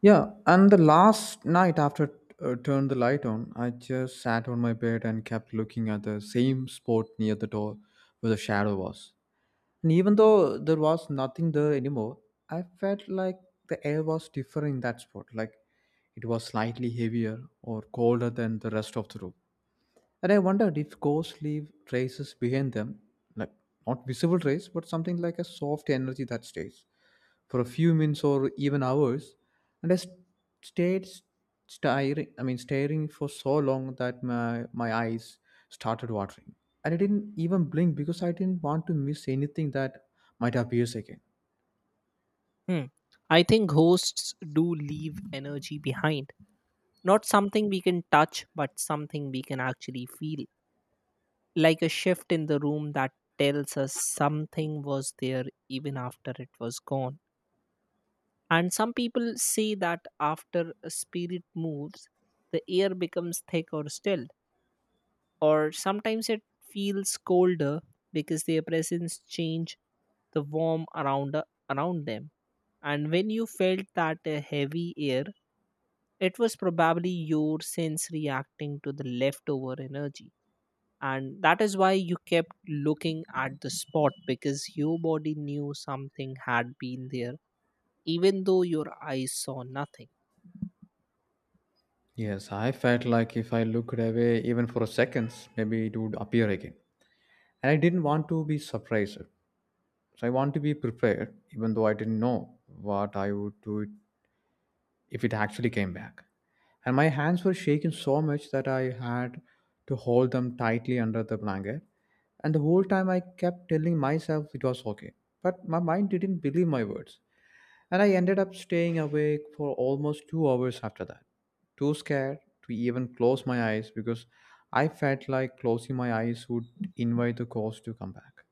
Yeah, and the last night after turned the light on, I just sat on my bed and kept looking at the same spot near the door where the shadow was. And even though there was nothing there anymore, I felt like the air was different in that spot, like it was slightly heavier or colder than the rest of the room. And I wondered if ghosts leave traces behind them, like not visible trace, but something like a soft energy that stays for a few minutes or even hours. And stayed staring, I mean, staring for so long that my eyes started watering. And I didn't even blink because I didn't want to miss anything that might appear again. Hmm. I think ghosts do leave energy behind. Not something we can touch, but something we can actually feel. Like a shift in the room that tells us something was there even after it was gone. And some people say that after a spirit moves, the air becomes thick or still. Or sometimes it feels colder because their presence change the warm around them. And when you felt that heavy air, it was probably your sense reacting to the leftover energy. And that is why you kept looking at the spot because your body knew something had been there, even though your eyes saw nothing. Yes, I felt like if I looked away even for a second, maybe it would appear again. And I didn't want to be surprised. So I want to be prepared, even though I didn't know what I would do it if it actually came back. And my hands were shaking so much that I had to hold them tightly under the blanket. And the whole time I kept telling myself it was okay. But my mind didn't believe my words. And I ended up staying awake for almost 2 hours after that. Too scared to even close my eyes, because I felt like closing my eyes would invite the ghost to come back.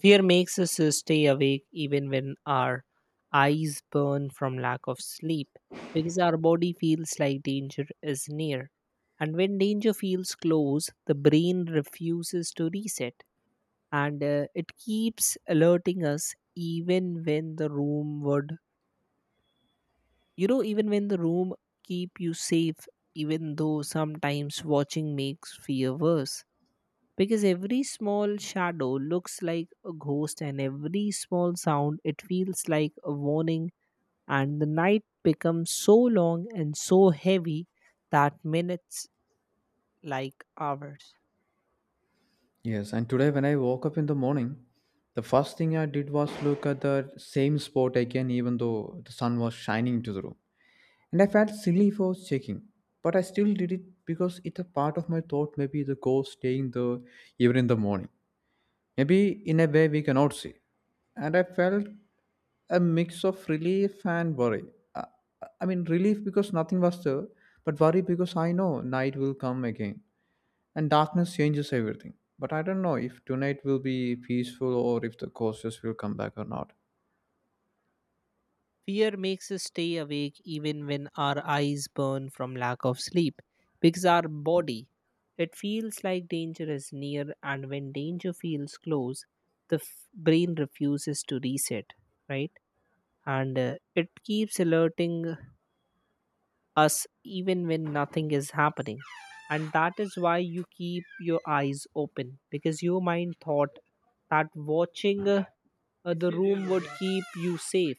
Fear makes us stay awake even when our eyes burn from lack of sleep because our body feels like danger is near. And when danger feels close, the brain refuses to reset. And it keeps alerting us even when the room would you know even when the room keep you safe, even though sometimes watching makes fear worse because every small shadow looks like a ghost and every small sound it feels like a warning, and the night becomes so long and so heavy that minutes like hours. Yes, and today when I woke up in the morning, the first thing I did was look at the same spot again, even though the sun was shining into the room. And I felt silly for checking, but I still did it because it's a part of my thought. Maybe the ghost staying there even in the morning. Maybe in a way we cannot see. And I felt a mix of relief and worry. Uh, I mean, relief because nothing was there, but worry because I know night will come again and darkness changes everything. But I don't know if tonight will be peaceful or if the ghosts will come back or not. Fear makes us stay awake even when our eyes burn from lack of sleep because our body, it feels like danger is near, and when danger feels close, brain refuses to reset, right? And it keeps alerting us even when nothing is happening. And that is why you keep your eyes open because your mind thought that watching the room would keep you safe,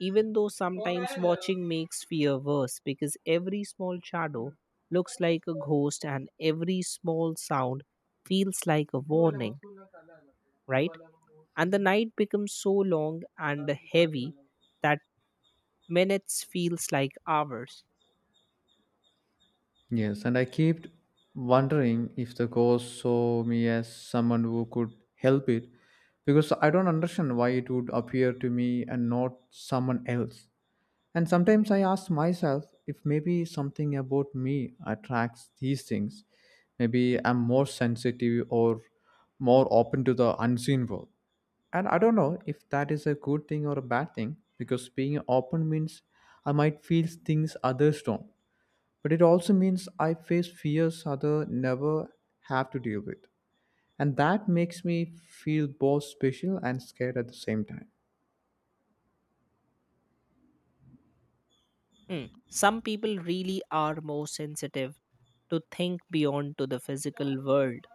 even though sometimes watching makes fear worse because every small shadow looks like a ghost and every small sound feels like a warning, right? And the night becomes so long and heavy that minutes feels like hours. Yes, and I kept wondering if the ghost saw me as someone who could help it, because I don't understand why it would appear to me and not someone else. And sometimes I ask myself if maybe something about me attracts these things. Maybe I'm more sensitive or more open to the unseen world. And I don't know if that is a good thing or a bad thing, because being open means I might feel things others don't. But it also means I face fears others never have to deal with. And that makes me feel both special and scared at the same time. Hmm. Some people really are more sensitive to think beyond to the physical world.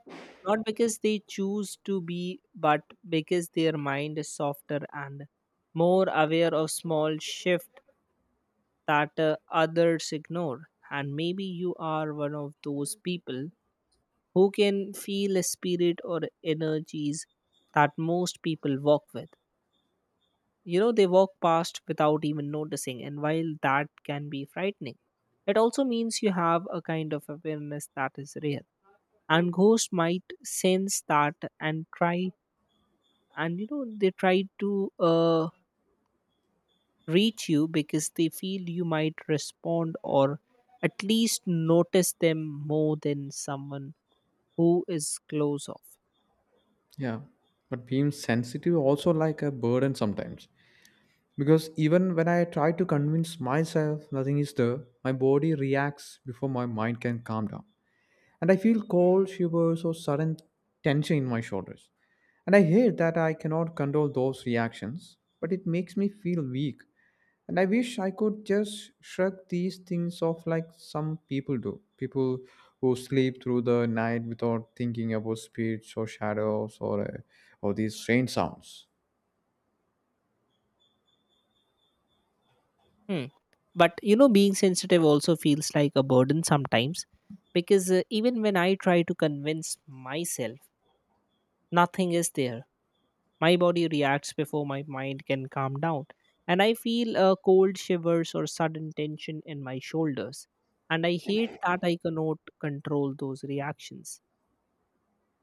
Not because they choose to be, but because their mind is softer and more aware of small shift that others ignore. And maybe you are one of those people who can feel a spirit or energies that most people walk with. You know, they walk past without even noticing, and while that can be frightening, it also means you have a kind of awareness that is rare. And ghosts might sense that and try, and they try to. Reach you because they feel you might respond or at least notice them more than someone who is close off. Yeah. But being sensitive also like a burden sometimes. Because even when I try to convince myself nothing is there, my body reacts before my mind can calm down. And I feel cold shivers or sudden tension in my shoulders. And I hate that I cannot control those reactions, but it makes me feel weak. And I wish I could just shrug these things off like some people do. People who sleep through the night without thinking about spirits or shadows or these strange sounds. Hmm. But you know, being sensitive also feels like a burden sometimes because even when I try to convince myself, nothing is there. My body reacts before my mind can calm down. And I feel cold shivers or sudden tension in my shoulders. And I hate that I cannot control those reactions,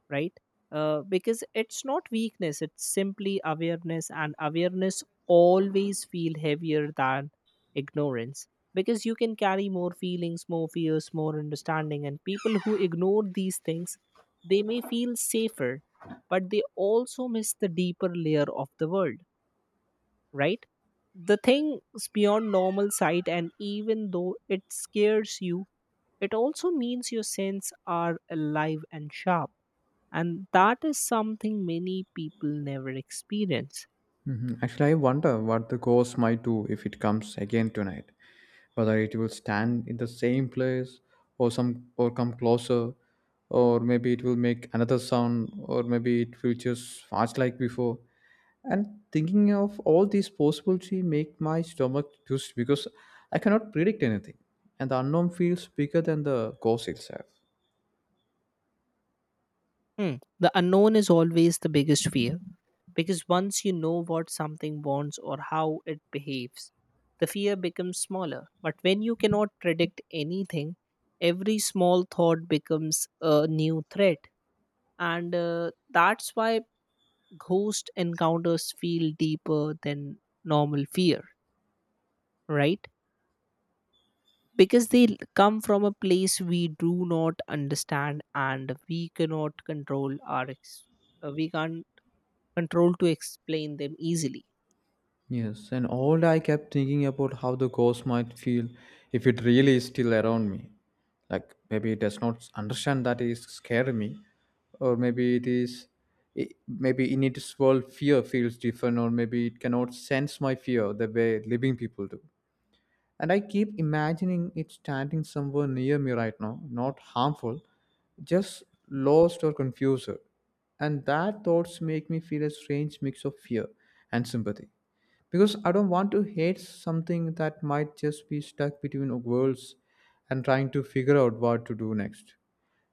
right? Because it's not weakness, it's simply awareness, and awareness always feel heavier than ignorance because you can carry more feelings, more fears, more understanding, and people who ignore these things, they may feel safer, but they also miss the deeper layer of the world, right? The things beyond normal sight, and even though it scares you, it also means your senses are alive and sharp, and that is something many people never experience. Mhm. Actually, I wonder what the ghost might do if it comes again tonight. Whether it will stand in the same place, or some or come closer, or maybe it will make another sound, or maybe it will just fast like before. And thinking of all these possibilities make my stomach twist, because I cannot predict anything, and the unknown feels bigger than the ghost itself. Hmm. The unknown is always the biggest fear because once you know what something wants or how it behaves, the fear becomes smaller. But when you cannot predict anything, every small thought becomes a new threat. And that's why ghost encounters feel deeper than normal fear, right? Because come from a place we do not understand, and we cannot control we can't control to explain them easily. Yes, and all I kept thinking about how the ghost might feel if it really is still around me. Like maybe it does not understand that it is scaring me, or maybe it is, it, maybe in its world fear feels different, or maybe it cannot sense my fear the way living people do. And I keep imagining it standing somewhere near me right now, not harmful, just lost or confused. And that thoughts make me feel a strange mix of fear and sympathy, because I don't want to hate something that might just be stuck between worlds and trying to figure out what to do next.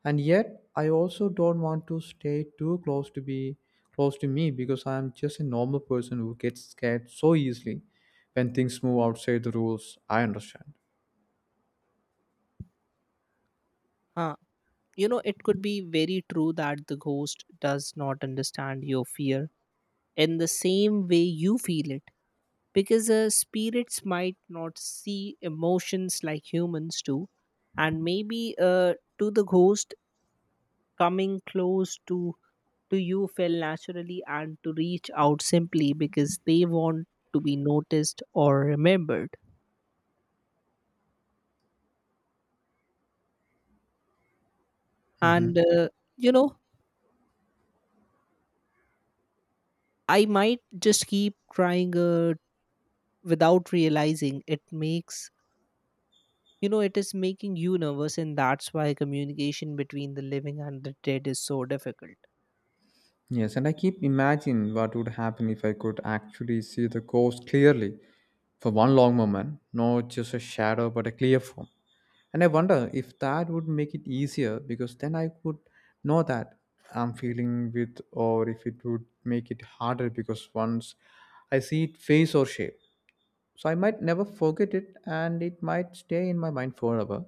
And yet, I also don't want to stay too close to be close to me, because I am just a normal person who gets scared so easily when things move outside the rules I understand. Huh. You know, it could be very true that the ghost does not understand your fear in the same way you feel it because spirits might not see emotions like humans do. And maybe to the ghost, coming close to you fell naturally, and to reach out simply because they want to be noticed or remembered. And, Mhm. uh, you know, I might just keep trying without realizing it makes, you know, it is making you nervous. And that's why communication between the living and the dead is so difficult. Yes, and I keep imagining what would happen if I could actually see the ghost clearly for one long moment, not just a shadow but a clear form. And I wonder if that would make it easier because then I could know that I'm feeling with, or if it would make it harder because once I see it face or shape, so I might never forget it, and it might stay in my mind forever.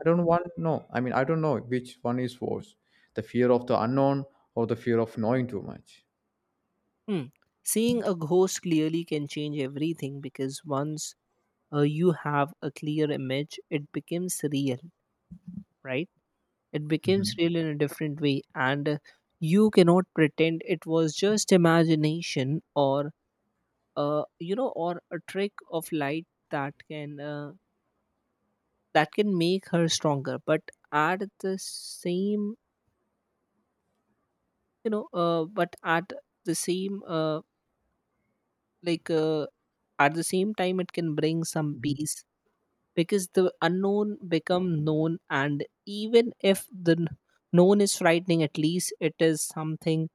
I don't want. No, I mean, I don't know which one is worse, the fear of the unknown or the fear of knowing too much. Hmm. Seeing a ghost clearly can change everything because once you have a clear image, it becomes real, right? It becomes Mhm. real in a different way, and you cannot pretend it was just imagination or or a trick of light that can make her stronger. But at the same you know but at the same like at the same time, it can bring some peace because the unknown become known, and even if the known is frightening, at least it is something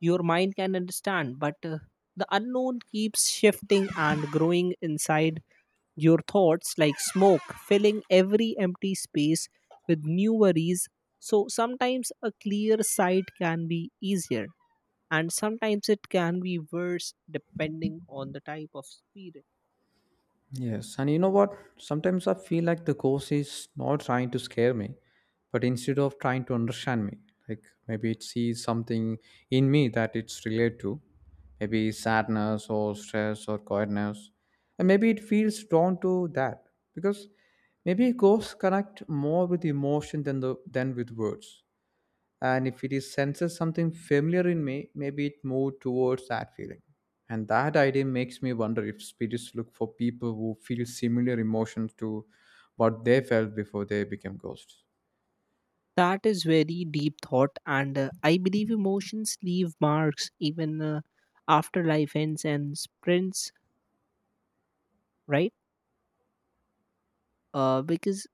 your mind can understand. But the unknown keeps shifting and growing inside your thoughts like smoke filling every empty space with new worries. So sometimes a clear sight can be easier, and sometimes it can be worse depending on the type of spirit. Yes, and you know what? Sometimes I feel like the ghost is not trying to scare me, but instead of trying to understand me, like maybe it sees something in me that it's related to, maybe sadness or stress or quietness, and maybe it feels drawn to that because maybe ghosts connect more with emotion than with words. And if it is senses something familiar in me, maybe it moved towards that feeling. And that idea makes me wonder if spirits look for people who feel similar emotions to what they felt before they became ghosts. That is very deep thought, and I believe emotions leave marks even after life ends and sprints, right? Because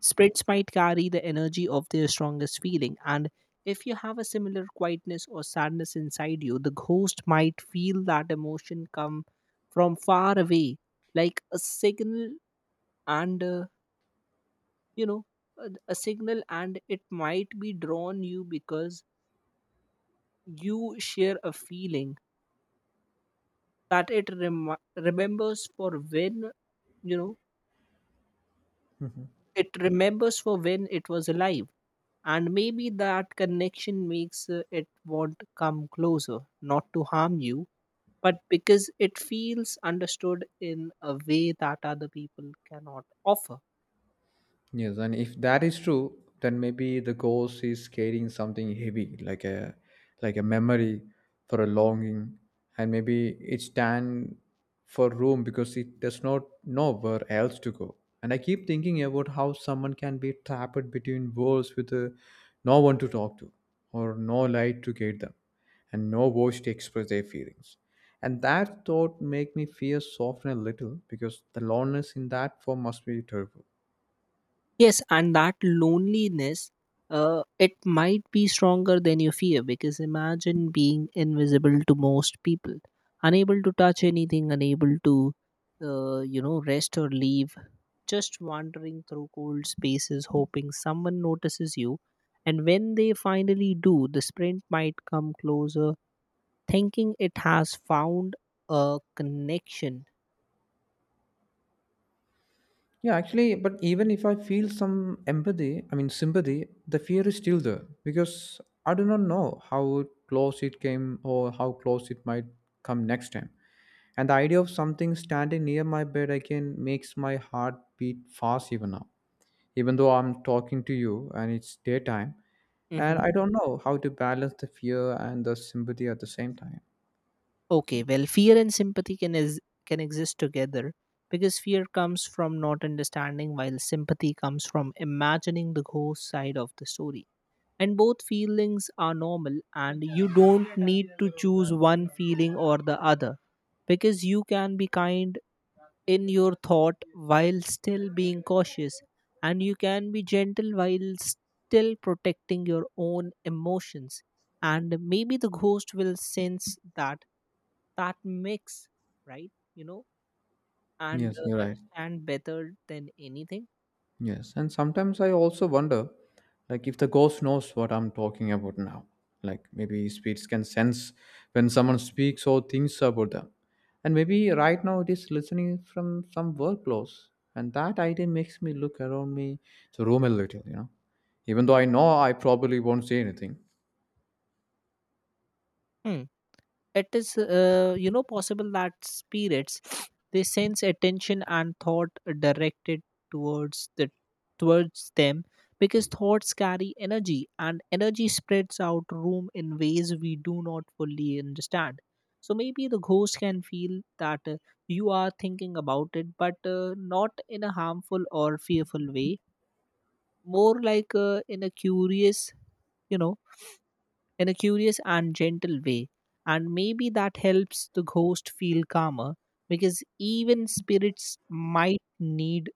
sprints might carry the energy of their strongest feeling, and if you have a similar quietness or sadness inside you, the ghost might feel that emotion come from far away, like a signal. And uh, you know, a, a signal, and it might be drawn you because you share a feeling that it remi remembers for when, you know, Mhm. it remembers for when it was alive. And maybe that connection makes it want to come closer, not to harm you, but because it feels understood in a way that other people cannot offer. Yes, and if that is true, then maybe the ghost is carrying something heavy, like a memory for a longing, and maybe it stand for room because it does not know where else to go. And I keep thinking about how someone can be trapped between worlds with no one to talk to, or no light to guide them, and no voice to express their feelings. And that thought make me fear soften a little, because the loneliness in that form must be terrible. Yes, and that loneliness, it might be stronger than you fear because imagine being invisible to most people, unable to touch anything, unable to, rest or leave, just wandering through cold spaces, hoping someone notices you. And when they finally do, the sprint might come closer, thinking it has found a connection. Yeah, actually, but even if I feel some empathy, I mean sympathy, the fear is still there because I do not know how close it came or how close it might come next time. And the idea of something standing near my bed again makes my heart beat fast even now. Even though I'm talking to you and it's daytime, and I Mhm. don't know how to balance the fear and the sympathy at the same time. Okay, well, fear and sympathy can exist together because fear comes from not understanding, while sympathy comes from imagining the ghost side of the story. And both feelings are normal, and you don't need to choose one feeling or the other because you can be kind in your thought while still being cautious, and you can be gentle while still protecting your own emotions. And maybe the ghost will sense that that mix, right? You know, and Yes, uh, you're right. understand better than anything. Yes, and sometimes I also wonder, like if the ghost knows what I'm talking about now. Like maybe spirits can sense when someone speaks or thinks about them. And maybe right now it is listening from some work close. And that idea makes me look around me the room a little. Even though I know I probably won't say anything. Hmm. It is, possible that spirits they sense attention and thought directed towards the towards them because thoughts carry energy and energy spreads out room in ways we do not fully understand. So maybe the ghost can feel that you are thinking about it, but not in a harmful or fearful way, more like in a curious, you know in a curious and gentle way. And maybe that helps the ghost feel calmer because even spirits might need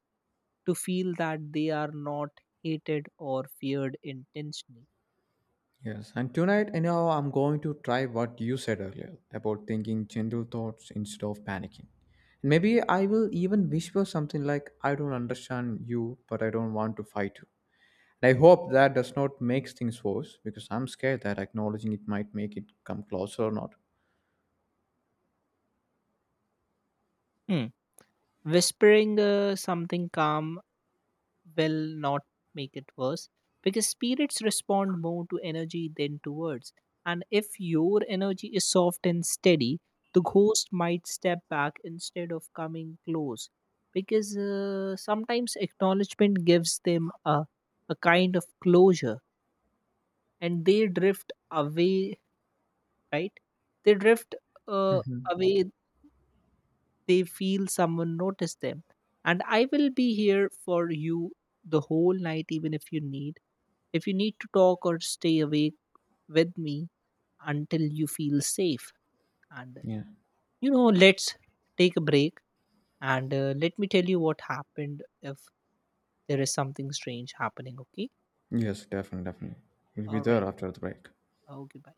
to feel that they are not hated or feared intentionally. Yes, and tonight, I'm going to try what you said earlier about thinking gentle thoughts instead of panicking. And maybe I will even whisper something like, I don't understand you, but I don't want to fight you. And I hope that does not make things worse because I'm scared that acknowledging it might make it come closer or not. Hmm. Whispering something calm will not make it worse because spirits respond more to energy than to words. And if your energy is soft and steady, the ghost might step back instead of coming close because sometimes acknowledgement gives them a kind of closure and they drift away, right? They drift uh, away, they feel someone noticed them. And I will be here for you the whole night, even if you need If you need to talk or stay awake with me until you feel safe. And, Yeah. you know, let's take a break and let me tell you what happened if there is something strange happening, okay? Yes, definitely, definitely. We'll be All there right. after the break. Okay, bye.